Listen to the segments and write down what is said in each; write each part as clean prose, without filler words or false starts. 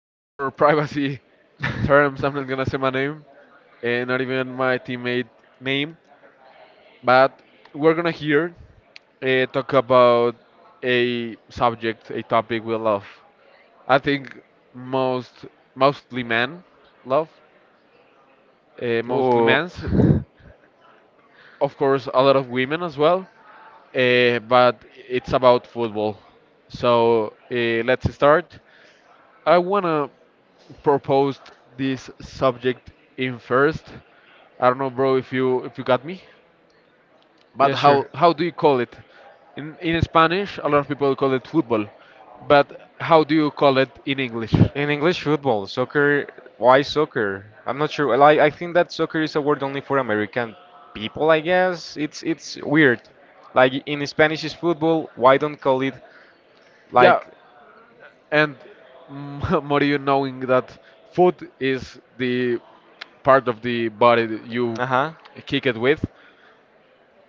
well, for privacy terms, I'm not gonna say my name, not even my teammate name, but we're gonna here talk about a topic we love. I think most, mostly men love, mostly Oh, men's, of course, a lot of women as well, but it's about football. So let's start. I want to propose this subject in first. I don't know, bro, if you got me, but yeah, sure. how do you call it? In Spanish, a lot of people call it football, but how do you call it in English? In English, football, soccer, why soccer? I'm not sure. Well, I think that soccer is a word only for American people, I guess. It's weird. Like in Spanish is football, why don't call it Yeah, like and more you knowing that foot is the part of the body that you uh-huh. kick it with,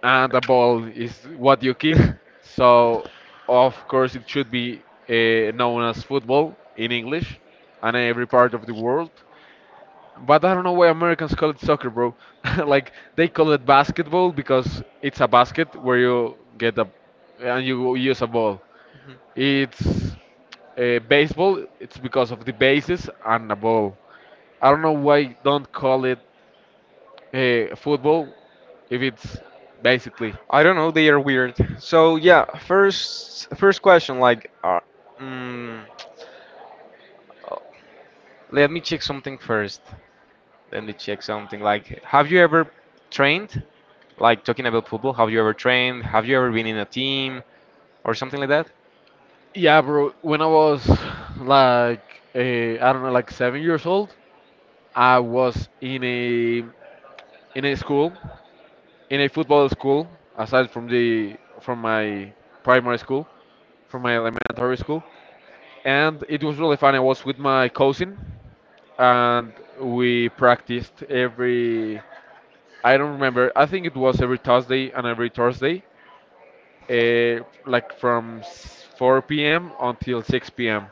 and a ball is what you kick. So, of course, it should be known as football in English and every part of the world. But I don't know why Americans call it soccer, bro. Like they call it basketball because it's a basket where you get a and you use a ball. It's Baseball. It's because of the bases and a ball. I don't know why don't call it football if it's basically. I don't know. They are weird. So yeah, first question like, mm, uh, let me check something first. Let me check something like, have you ever trained? Like talking about football, have you ever trained? Have you ever been in a team or something like that? Yeah, bro. When I was like I don't know, like 7 years old, I was in a school, in a football school, aside from the from my primary school, from my elementary school, and it was really fun. I was with my cousin, and we practiced every. I don't remember. I think it was every Thursday and every Thursday, like from 4 p.m. until 6 p.m.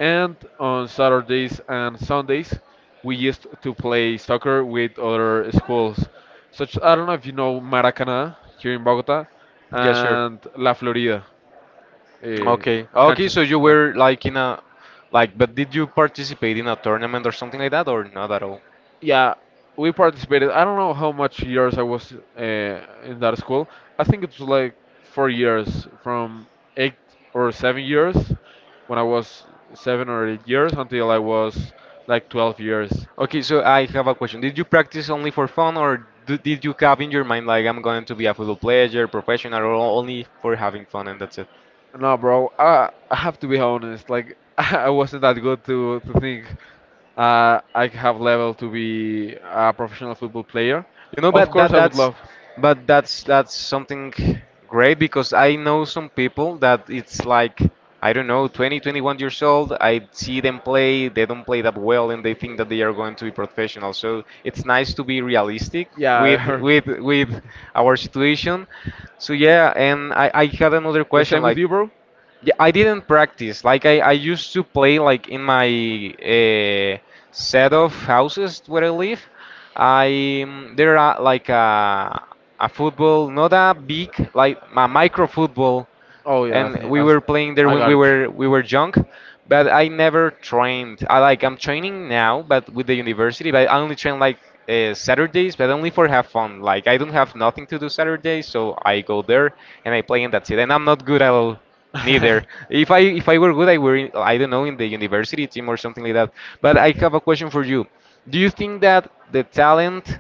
And on Saturdays and Sundays, we used to play soccer with other schools. Such I don't know if you know Maracaná here in Bogota Yeah, sure. and La Florida, uh, Okay. Okay, so canchas. you Yeah, were like in a like, but did you participate in a tournament or something like that, or not at all? yeah. We participated. I don't know how much years I was in that school. I think it was like 4 years, from 8 or 7 years when I was 7 or 8 years until I was like 12 years. Okay, so I have a question. Did you practice only for fun, or d did you have in your mind like I'm going to be a football player, professional, or only for having fun and that's it? No, bro. I have to be honest. Like I wasn't that good to think I have level to be a professional football player. You know, Of but course, that I would that's love. but that's something great because I know some people that it's like I don't know, 20, 21 years old. I see them play, they don't play that well, and they think that they are going to be professional. So it's nice to be realistic with Yeah, with our situation. So yeah, and I had another the question same with like you, bro. yeah, I didn't practice. Like I used to play like in my uh, set of houses where I live. I there are like a football, not a big like a micro football Oh yeah, I and think we as were playing there I when got you. We were young but I never trained. I like I'm training now but with the university, but I only train like Saturdays but only for have fun. Like I don't have nothing to do Saturdays, so I go there and I play and that's it, and I'm not good at all neither. If I if I were good I were in, I don't know, in the university team or something like that. But I have a question for you. Do you think that the talent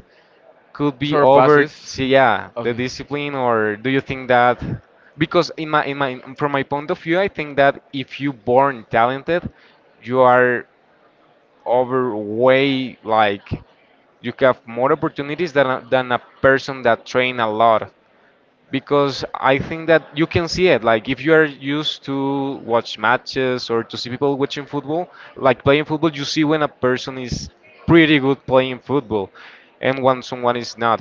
could be Short over, passes. see yeah, the Okay, discipline, or do you think that because in my from my point of view I think that if you born talented you are over way like you have more opportunities than a person that train a lot, because I think that you can see it. Like if you are used to watch matches or to see people watching football, like playing football, you see when a person is pretty good playing football, and when someone is not.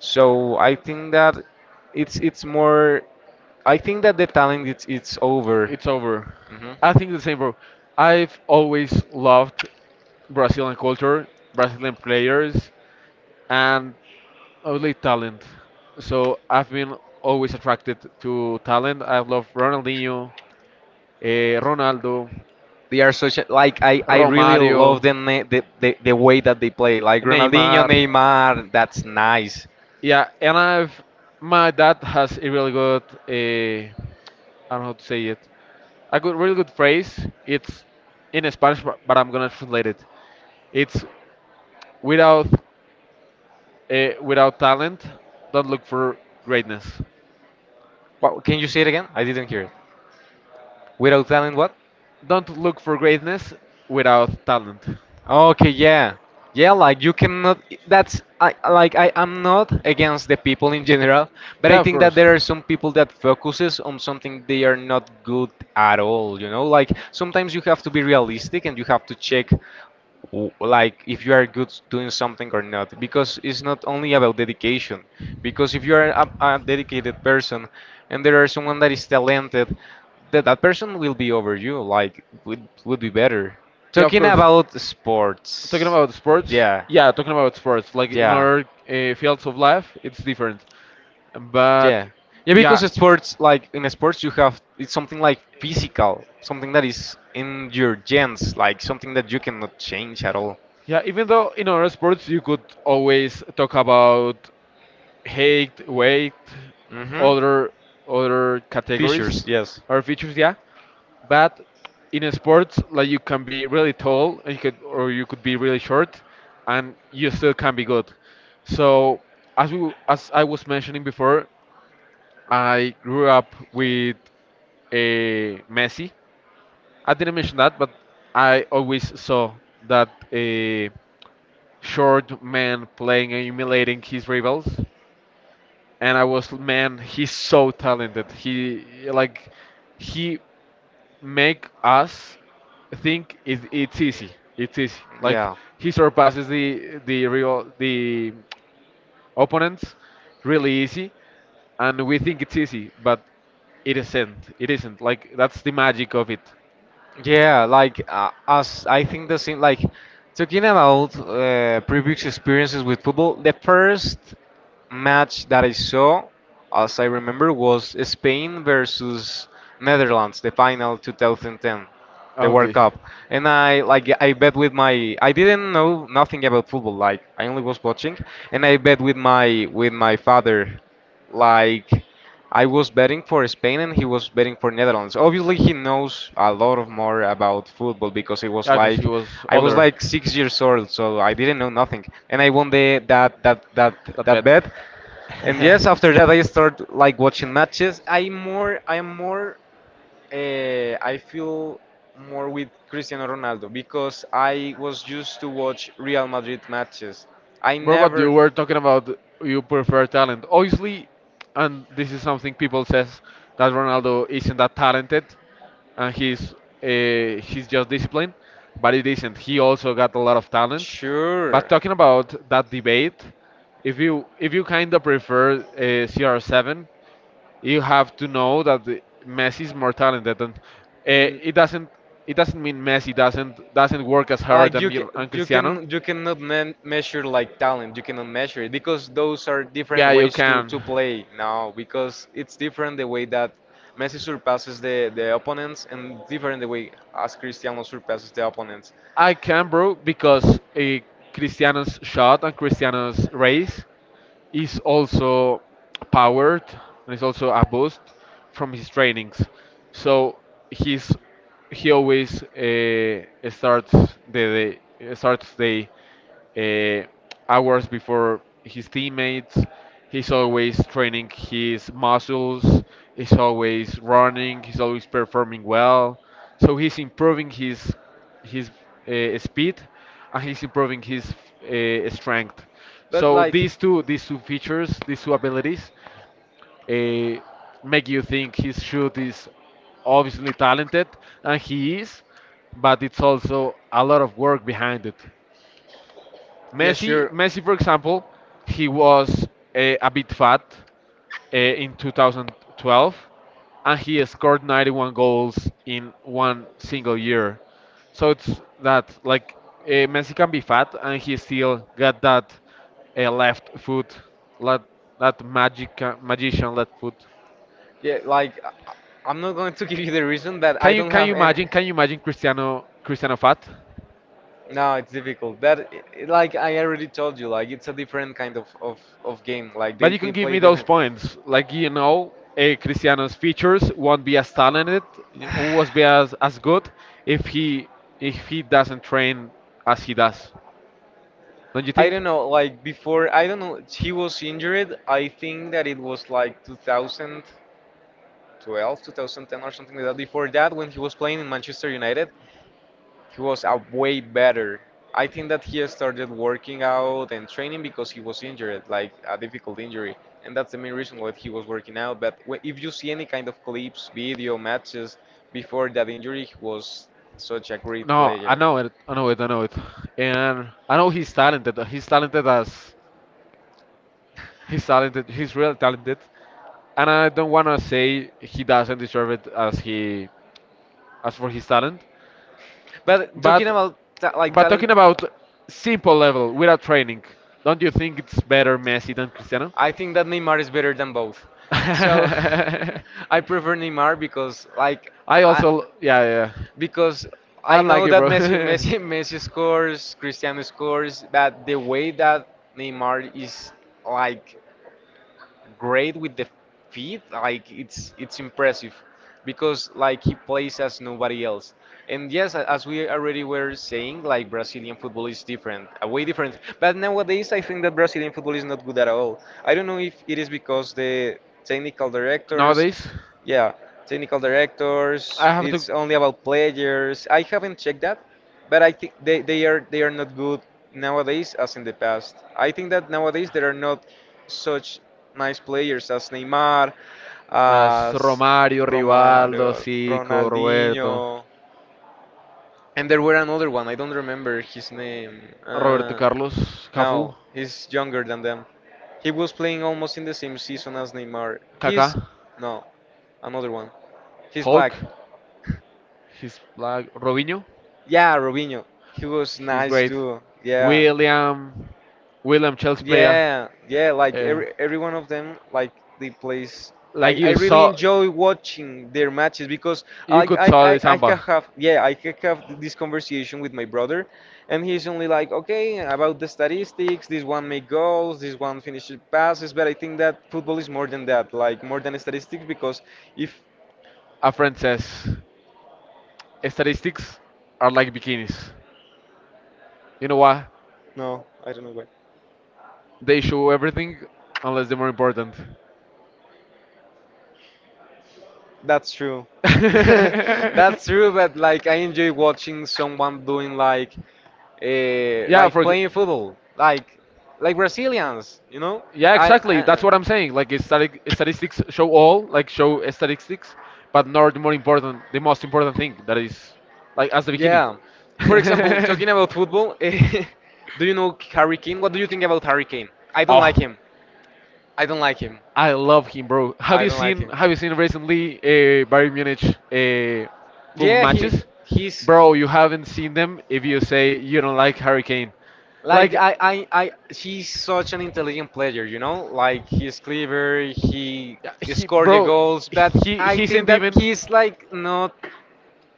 So I think that it's more. I think that the talent it's over. it's over. Mhm. I think the same, bro. I've always loved Brazilian culture, Brazilian players, and only talent. So I've been always attracted to talent. I love Ronaldinho, Ronaldo, They are such a, like I really love Romario, them eh, the, the way that they play like Ronaldinho, Neymar. Neymar. That's nice. Yeah, and I've my dad has a really good I don't know how to say it. A really good phrase. It's in Spanish, but I'm gonna translate it. It's without without talent, don't look for greatness. What, can you say it again? I didn't hear it. Without talent, what? Don't look for greatness without talent. Okay, yeah, yeah. Like you cannot. That's I like I am not against the people in general, but I Yeah, of think that course. there are some people that focuses on something they are not good at all. You know, like sometimes you have to be realistic and you have to check like if you are good doing something or not, because it's not only about dedication, because if you are a dedicated person and there are someone that is talented, that that person will be over you like would be better Yeah, of talking course. about Talking sports. about sports, Yeah, yeah, talking about sports, like in yeah, other fields of life, it's different. But yeah, yeah, because yeah, sports, like in sports you have it's something like physical, something that is in your genes, like something that you cannot change at all. yeah, even though in other sports you could always talk about height, weight, Hmm. other other categories Fissures, yes. or features, yeah. But in sports, like you can be really tall, and you could, or you could be really short, and you still can be good. So as I was mentioning before, I grew up with a Messi. I didn't mention that, but I always saw that a short man playing and humiliating his rivals and I was man, he's so talented. He make us think it's easy. It's easy. Like Yeah. he surpasses the opponents really easy, and we think it's easy, but it isn't. It isn't. Like that's the magic of it. Yeah, like as I think the same. Like talking about previous experiences with football, the first match that I saw, as I remember, was Spain versus Netherlands, the final 2010, the World Okay, Cup. And I like I bet with my I didn't know nothing about football. Like I only was watching, and I bet with my father, like. I was betting for Spain and he was betting for Netherlands. Obviously, he knows a lot of more about football because it was yeah, because like he was I was older. like 6 years old, so I didn't know nothing, and I won the that That that bad. bet. And yes, after that, I start like watching matches. I more I am more I feel more with Cristiano Ronaldo because I was used to watch Real Madrid matches. I Bro, but never. you were talking about you prefer talent. Obviously, and this is something people says that Ronaldo isn't that talented, and he's just disciplined, but it isn't. He also got a lot of talent. But Sure. talking about that debate, if you kind of prefer CR7, you have to know that Messi is more talented, and N- it doesn't it doesn't mean Messi doesn't work as hard like you can and you can Cristiano. you cannot me measure like talent. You cannot measure it, because those are different Yeah, you ways can. to play now. Because it's different the way that Messi surpasses the opponents and different the way as Cristiano surpasses the opponents. I can, bro, because a Cristiano's shot and Cristiano's race is also powered and is also a boost from his trainings. So he's he always starts the day, starts the uh, hours before his teammates. He's always training his muscles. He's always running. He's always performing well. So he's improving his speed and he's improving his strength. But So like. These two features, these two abilities, uh, make you think his shoot is obviously talented, and he is, but it's also a lot of work behind it. Yeah, sure. Messi, for example, he was a bit fat in 2012, and he scored 91 goals in one single year. So it's that like Messi can be fat, and he still got that left foot, that that magic magician left foot. Yeah, like I- I'm not going to give you the reason that Can I you don't can you have any. imagine? Can you imagine Cristiano fat? No, it's difficult. That like I already told you, like it's a different kind of of game. Like But you can they give play me those different. points. Like, you know, Cristiano's Features, features won't be as talented, talented? Won't be as good if he if he doesn't train as he does. Don't you I think? don't know, like before, I don't know, he was injured. I think that it was like 2012, 2010 or something like that. Before that, when he was playing in Manchester United, he was a way better. I think that he started working out and training because he was injured, like a difficult injury, and that's the main reason why he was working out. But if you see any kind of clips, video matches before that injury, he was such a great No, I player. know it. I know it. I know it. And I know he's talented. He's talented as He's talented. He's real talented. And I don't wanna say he doesn't deserve it as he as for his talent. But talking But about like but talent, talking about simple level without training, don't you think it's better Messi than Cristiano? I think that Neymar is better than both. So I I prefer Neymar because like I, also yeah yeah. because I I like know it, that bro. Messi Messi scores, Cristiano scores, but the way that Neymar is like great with the feet. Like it's impressive because like he plays as nobody else. And yes, as we already were saying, like Brazilian football is different, way different. But nowadays, I think that Brazilian football is not good at all. I don't know if it is because the technical directors, Nowadays, yeah, technical directors, I have to. it's only about players. I haven't checked that, but I think they are not good nowadays as in the past. I think that nowadays there are not such nice players as Neymar, As as Romario, Rivaldo, Romario, Zico, Roberto, Ronaldinho, and there were another one. I don't remember his name. Roberto Carlos, Cafu, No, he's younger than them. He was playing almost in the same season as Neymar. Kaká, He's no another one. He's Hulk. black. He's like Robinho. Yeah, Robinho. He was He's nice great. too. Yeah. William, William Chelsea player. Yeah, yeah, like Uh, every one of them, like they plays. I, like I you really saw, enjoy watching their matches because I, you could I, saw the I, I can samba. have yeah I can have this conversation with my brother, and he's only like okay about the statistics. This one make goals, this one finishes passes, but I think that football is more than that, like more than statistics because if A friend says, statistics are like bikinis. You know what? no I don't know why. They show everything unless they're more important. That's true. That's true, but like I enjoy watching someone doing Yeah, like playing football, like Brazilians, you know? yeah, exactly. I That's what I'm saying. Like statistics show all, like show statistics, but not the more important, the most important thing that is like as the bikini. yeah. For example, talking about football, do you know Harry Kane? What do you think about Harry Kane? I don't like Oh, him. I don't like him. I love him, bro. I don't like him. Have you seen recently Bayern Munich football Yeah, he matches, he's bro? You haven't seen them if you say you don't like Harry Kane. like Like, I he's such an intelligent player, you know? Like he's clever, he yeah, he, scored the bro, goals, but he I he think isn't that even, he's like not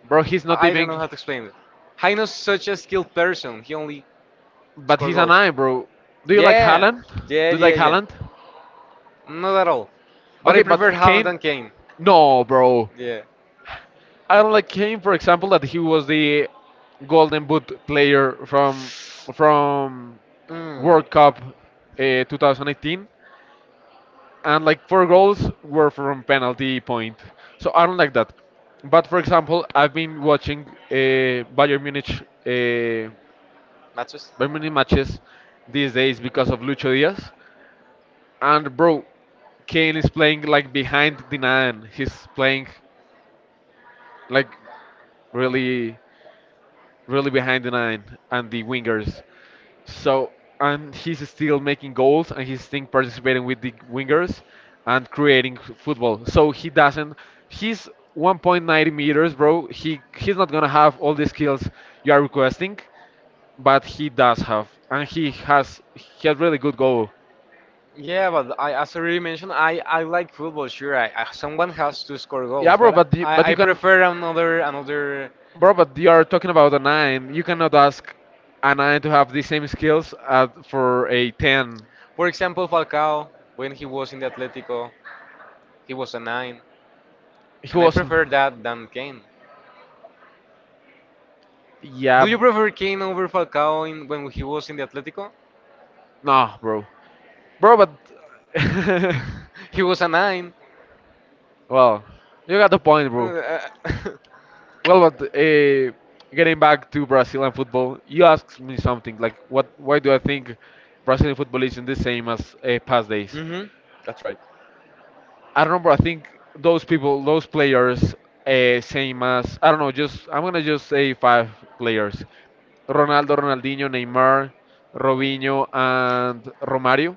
bro. He's not I don't even, know how to explain it. Heino's such a skilled person. He only but but score he's an goals. eye, bro. Do you like Yeah, Haaland? Do yeah, you yeah, like yeah. Haaland? Not at all. But I Okay, No, prefer but Haaland Kane. Kane, And Kane. no, bro. Yeah. I don't like Kane, for example, that he was the Golden Boot player from Mm. World Cup 2018, and like four goals were from penalty point. So I don't like that. But for example, I've been watching uh, Matches? Bayern Munich matches these days because of Lucho Diaz, and bro, Kane is playing like behind the nine. He's playing like really, really behind the nine and the wingers. So and he's still making goals and he's still participating with the wingers and creating football. So he doesn't. He's 1.90 meters, bro. He's not gonna have all the skills you are requesting, but he does have, and he has really good goal. Yeah, but I, as I already mentioned, I like football. Sure, I, someone has to score goals, Yeah, bro. but But I you can. prefer another another. Bro, but you are talking about a nine. You cannot ask a nine to have the same skills as for a ten. For example, Falcao when he was in the Atletico, he was a nine, He and I was, prefer that than Kane. yeah, Do you prefer Kane over Falcao in, when he was in the Atletico? no, bro, bro, but he was a nine. well, you got the point, bro. Uh, Well, but getting back to Brazilian football, you asked me something like, what? Why do I think Brazilian football isn't the same as past days? mm-hmm. That's right. I remember. I think those players, same as I don't know. Just I'm gonna just say five players: Ronaldo, Ronaldinho, Neymar, Robinho, and Romario.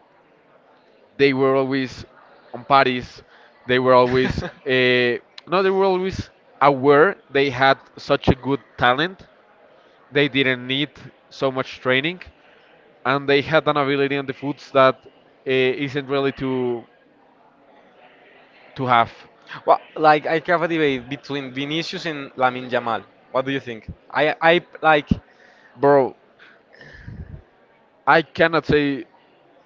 They were always on parties. They were always no. They were always aware they had such a good talent. They didn't need so much training, and they had an ability on the foots that isn't really to have, Well, like I have a debate between Vinicius and Lamin Yamal. What do you think? I like bro. I cannot say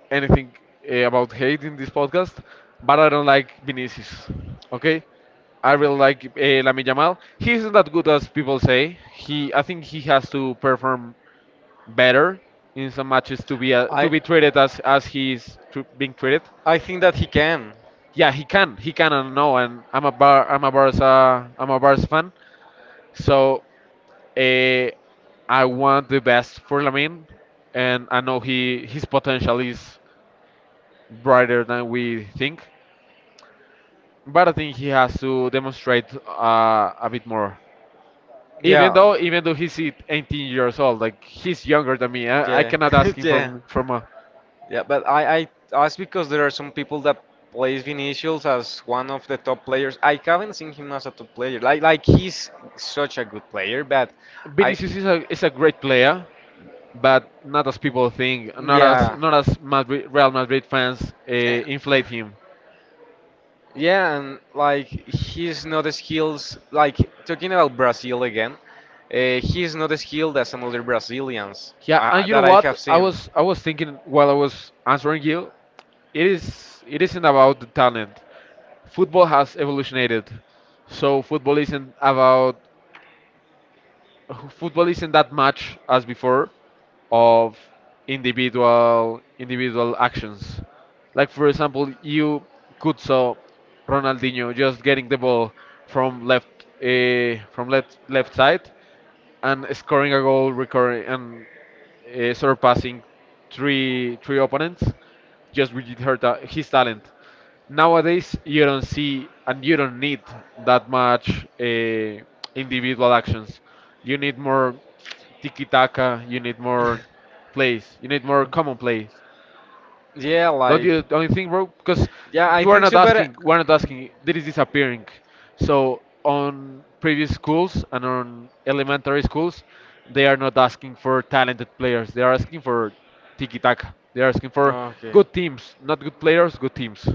anything about hate in this podcast, but I don't like Vinicius. Okay, I really like Lamine Yamal. He isn't that good as people say. He, I think he has to perform better in some matches I to be treated as being treated. I think that he can. Yeah, he can, and no, and I'm a Barca fan, so uh, I want the best for Lamine, and I know he his potential is brighter than we think. But I think he has to demonstrate a bit more. Yeah. Even though he's 18 years old, like he's younger than me, I Yeah, cannot ask him yeah, from. Yeah. But I that's because there are some people that plays Vinicius as one of the top players. I haven't seen him as a top player. Like he's such a good player, but I. Vinicius is a great player, but not as people think, not as Yeah. Madrid, Real Madrid fans inflate him. Yeah, and like he's not as skilled. Like talking about Brazil again, he's not as skilled as some other Brazilians Yeah, and you know that I what? have I seen. was I was thinking while I was answering you, it isn't about the talent. Football has evolutionated, so football isn't about football isn't that much as before of individual actions. Like for example, you could saw Ronaldinho just getting the ball from left from left side and scoring a goal, recurring and surpassing three opponents just with her his talent. Nowadays, you don't see and you don't need that much individual actions. You need more tiki taka. You need more plays. You need more common plays. yeah, Don't you like don't bro? Because yeah, I you are think not so, but asking, we're not asking. That is disappearing. So on previous schools and on elementary schools, they are not asking for talented players. They are asking for tiki taka. They are asking for ah, okay. good teams, not good players, good teams.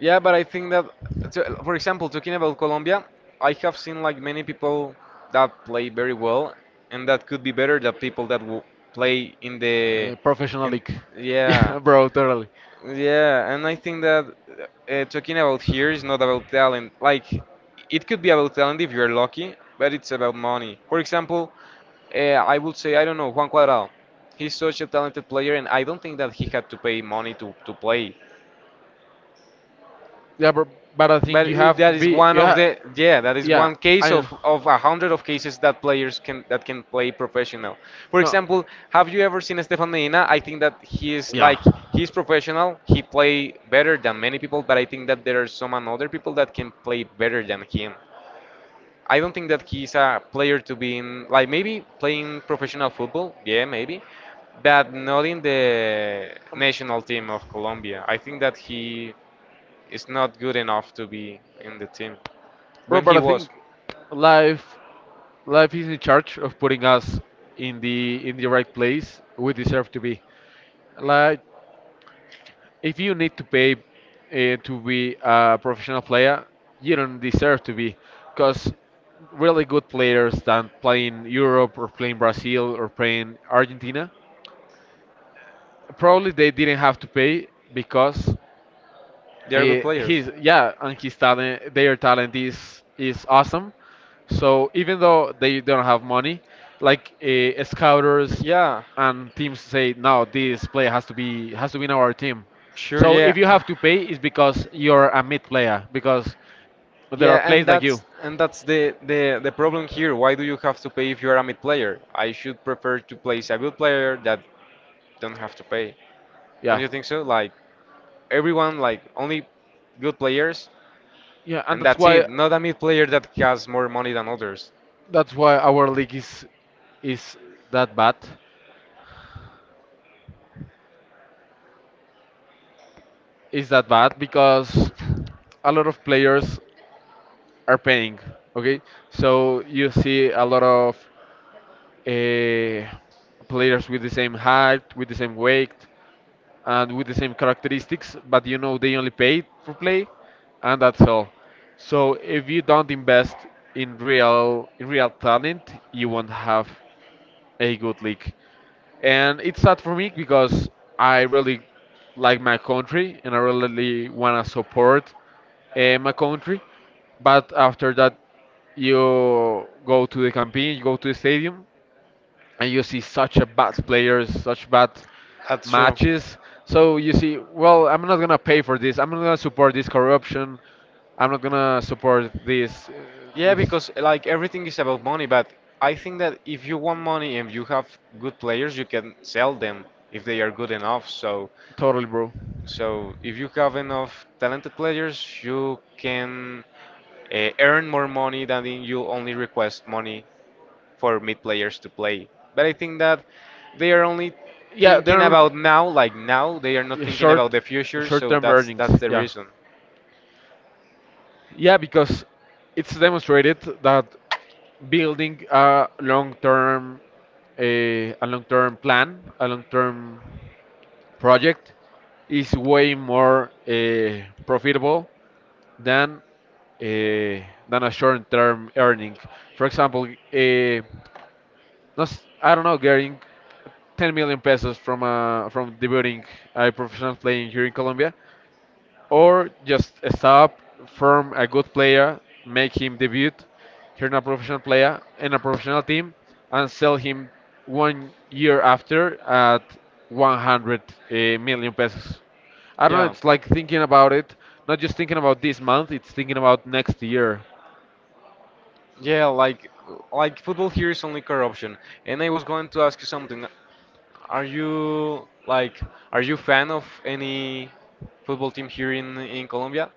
Yeah, but I think that, so, for example, talking about Colombia, I have seen like many people that play very well, and that could be better than people that will play in the Professional in league. yeah. Yeah, bro, totally. Yeah, and I think that talking about here is not about talent. Like, it could be about talent if you're lucky, but it's about money. For example, uh, I would say, I don't know, Juan Cuadrado. He's such a talented player, and I don't think that he had to pay money to play. Yeah, bro, but I But think you it, have to that is be. one of Yeah, the yeah, That is yeah. one case I of a hundred of cases that players can that can play professional. For no. example, have you ever seen Stefan Medina? I think that he is Yeah. like he's professional. He play better than many people, but I think that there are some other people that can play better than him. I don't think that he's a player to be in, like maybe playing professional football. Yeah, maybe, but not in the national team of Colombia. I think that he is not good enough to be in the team Bro, when but he I was. think life life is in charge of putting us in the right place we deserve to be. Like if you need to pay to be a professional player, you don't deserve to be, because really good players that play in Europe or play in Brazil or play in Argentina, probably they didn't have to pay because. They are good Eh, players. he's yeah, and his talent, their talent is awesome. So even though they don't have money, like scouters Yeah, and teams say, no, this player has to be in our team. sure, So yeah. if you have to pay, it's because you're a mid player because there are Yeah, and players like that's you. and that's the problem here. Why do you have to pay if you're a mid player? I should prefer to place a good player that don't have to pay. Don't Yeah, you think so? Like everyone, like only good players. yeah, and And that's it. Not a mid player that has more money than others. that's why our league is that bad. Is that bad because a lot of players are paying. Okay, so you see a lot of uh, players with the same height, with the same weight, and with the same characteristics, but you know they only pay for play, and that's all. So if you don't invest in real talent, you won't have a good league. And it's sad for me because I really like my country and I really wanna support my country. But after that, you go to the campaign, you go to the stadium, and you see such a bad players, such bad That's true. matches. So you see, well, I'm not gonna pay for this. I'm not gonna support this corruption. I'm not gonna support this. Yeah, This. because like everything is about money. But I think that if you want money and you have good players, you can sell them if they are good enough. So, Totally, bro. so if you have enough talented players, you can earn more money than in you only request money for mid players to play. But I think that they are only Yeah, they're thinking l- about now, like now. They are not yeah, thinking about short, the future, so short-term that's earnings. that's the Yeah. reason. Yeah, because it's demonstrated that building a long-term plan, a long-term project is way more profitable than uh, than a short-term earning. For example, I don't know, getting 10 million pesos from debuting a professional playing here in Colombia or just stop from a good player, make him debut here in a professional player in a professional team, and sell him 1 year after at 100 uh, million pesos. I don't know. Yeah. It's like thinking about it, not just thinking about this month. It's thinking about next year. Yeah, like football here is only corruption. And I was going to ask you something. Are you like are you fan of any football team here in Colombia?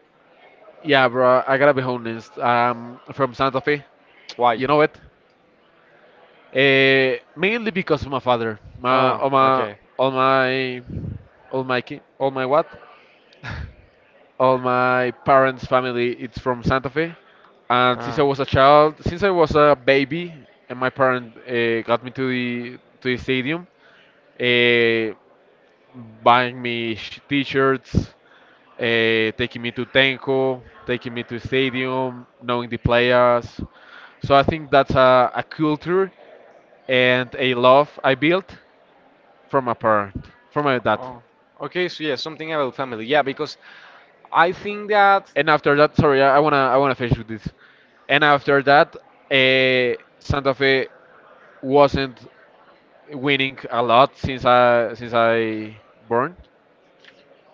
Yeah, bro. I gotta be honest. I'm from Santa Fe. Why? You know it. Mainly because of my father. My, Oh, all my, okay. all my, all my, ki- all my what? All my parents' family it's from Santa Fe, and since Ah, I was a child, since I was a baby, and my parents got me to the stadium, uh, buying me sh- t-shirts, taking me to Tenco, taking me to stadium, knowing the players. So I think that's a culture and a love I built from my parent, from my dad. oh. Okay, so yeah, something about family. Yeah, because I think that, And after that, sorry, I wanna finish with this. And after that, Santa Fe wasn't winning a lot since I born,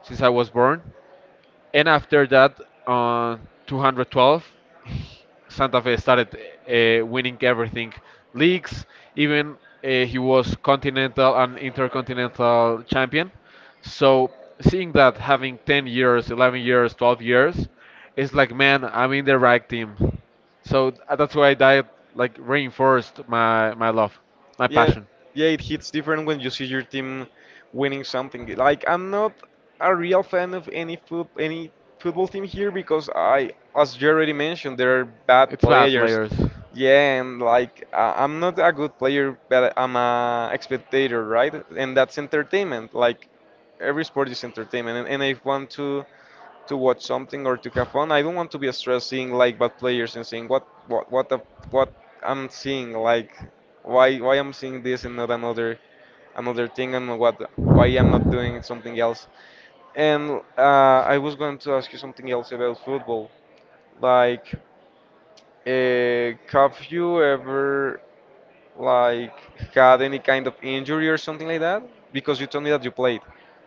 since I was born. And after that, on 212, Santa Fe started winning everything, leagues. Even he was continental and intercontinental champion. So seeing that having 10 years, 11 years, 12 years, it's like man, I'm in the right team. So that's why that like reinforced my my love, my yeah, passion. yeah, it hits different when you see your team winning something. Like I'm not a real fan of any football team here because I, as you already mentioned, there are bad It's bad, players. players. Yeah, and like I'm not a good player, but I'm a spectator, right? And that's entertainment. Like every sport is entertainment, and I want to watch something or to have fun. I don't want to be stressed seeing like bad players and saying what I'm seeing. Like why I'm seeing this and not another thing, and what why I'm not doing something else. And I was going to ask you something else about football. Like, have you ever like had any kind of injury or something like that? Because you told me that you played.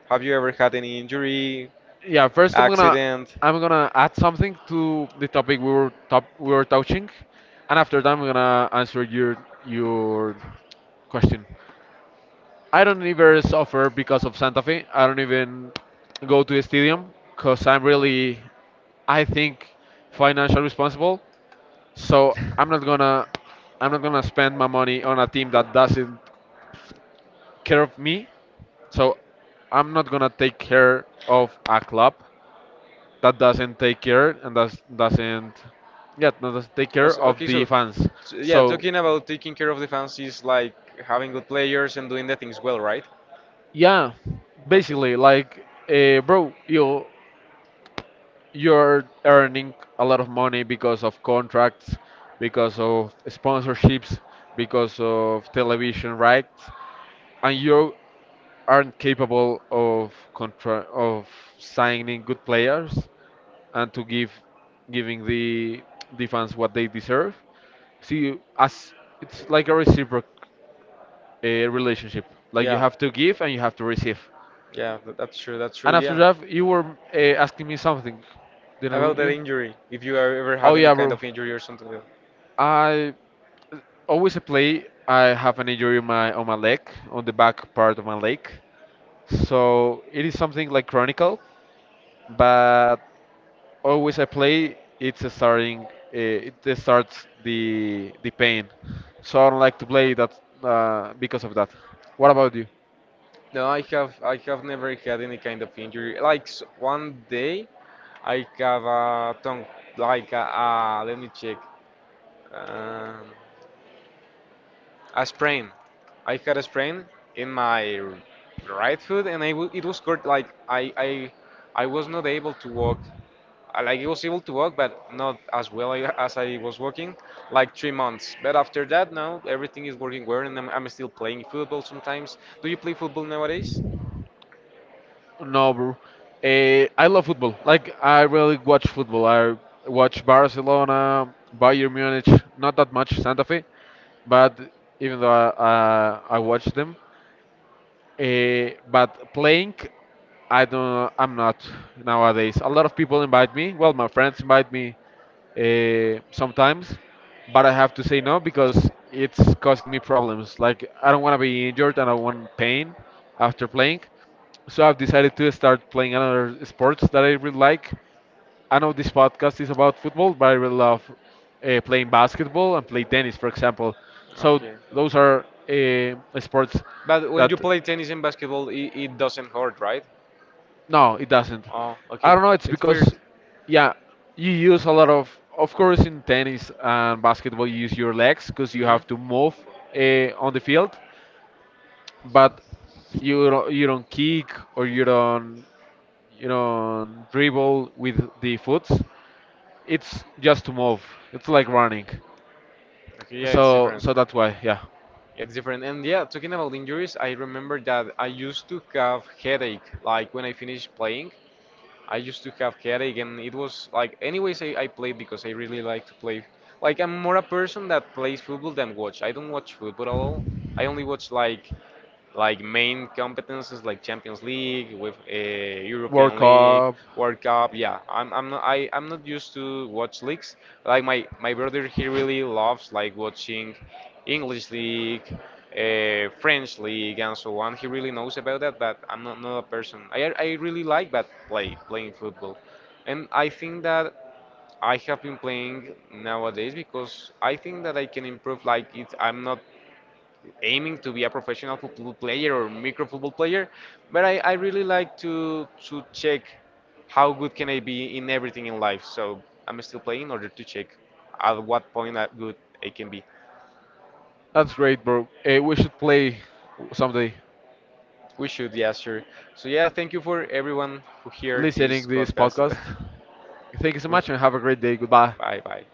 Have you ever had any injury, Yeah, first accident? I'm gonna add something to the topic we were top we were touching, and after that I'm gonna answer your question. I don't ever suffer because of Santa Fe. I don't even go to the stadium because I'm really I think financially responsible. So I'm not gonna spend my money on a team that doesn't care of me. So I'm not gonna take care of a club that doesn't take care and that doesn't yeah that doesn't take care of Okay, the so fans yeah, so talking about taking care of the fans is like having good players and doing the things well, right? yeah Okay. basically like bro you you're earning a lot of money because of contracts, because of sponsorships, because of television rights, and you aren't capable of of signing good players and to give giving the fans what they deserve. See, as it's like a reciprocal relationship. Like you Yeah. have to give and you have to receive. That's true. That's true. And after Yeah. that, you were asking me something, About didn't that you? injury, if you are ever had Oh any yeah, kind bro. of injury or something like that. I always I play. I have an injury on my leg, on the back part of my leg. So it is something like chronical, but always I play. It's a starting. It starts the pain. So I don't like to play that because of that. What about you? No, I have never had any kind of injury. Like one day, I have a tongue, like a, let me check, um, a sprain. I had a sprain in my right foot, and I w it was hurt. Like I was not able to walk. Like I was able to walk, but not as well as I was walking. Like 3 months. But after that, now everything is working well, and I'm still playing football sometimes. Do you play football nowadays? No, bro. I love football. Like I really watch football. I watch Barcelona, Bayern Munich, not that much Santa Fe, but even though I watch them. Eh, but playing, I don't. I'm not nowadays. A lot of people invite me. Well, my friends invite me Sometimes, sometimes, but but I I have have to to say say no no, it's causing because me it's causing me problems. problems. Like I don't want to be You're injured and I want pain after playing. So I've decided to start playing another sports that I really like. I know this podcast is about football, but I really love playing basketball and play tennis, for example. So okay. those are sports But when you that. play tennis and basketball, it doesn't hurt, right? No, it doesn't. Oh, I okay. don't know. It's It's weird. because, yeah, you use a lot of course, in tennis and basketball, you use your legs because you Hmm. have to move on the field, but you don't kick or you don't dribble with the foots. It's just to move. It's like running. Okay, yeah, it's So, different. so that's why, yeah. Yeah, it's different. And yeah, talking about injuries, I remember that I used to have headache. Like when I finished playing, I used to have headache, and it was like, anyways, I played because I really like to play. Like I'm more a person that plays football than watch. I don't watch football at all. I only watch like main competences like Champions League, with World European League, Cup. World Cup. Yeah, I'm not used to watch leagues. Like my brother, he really loves like watching English league, French league, and so on. He really knows about that, but I'm not, not a person. I really like but playing football, and I think that, I have been playing nowadays because I think that I can improve. Like it's, I'm not aiming to be a professional football player or micro football player, but I really like to check how good can I be in everything in life. So I'm still playing in order to check at what point I can be. That's great, bro. We should play someday. We should, yeah, sure. So yeah, thank you for everyone who heard Listening this this podcast. podcast. Thank you so much and have a great day. Goodbye. Bye bye.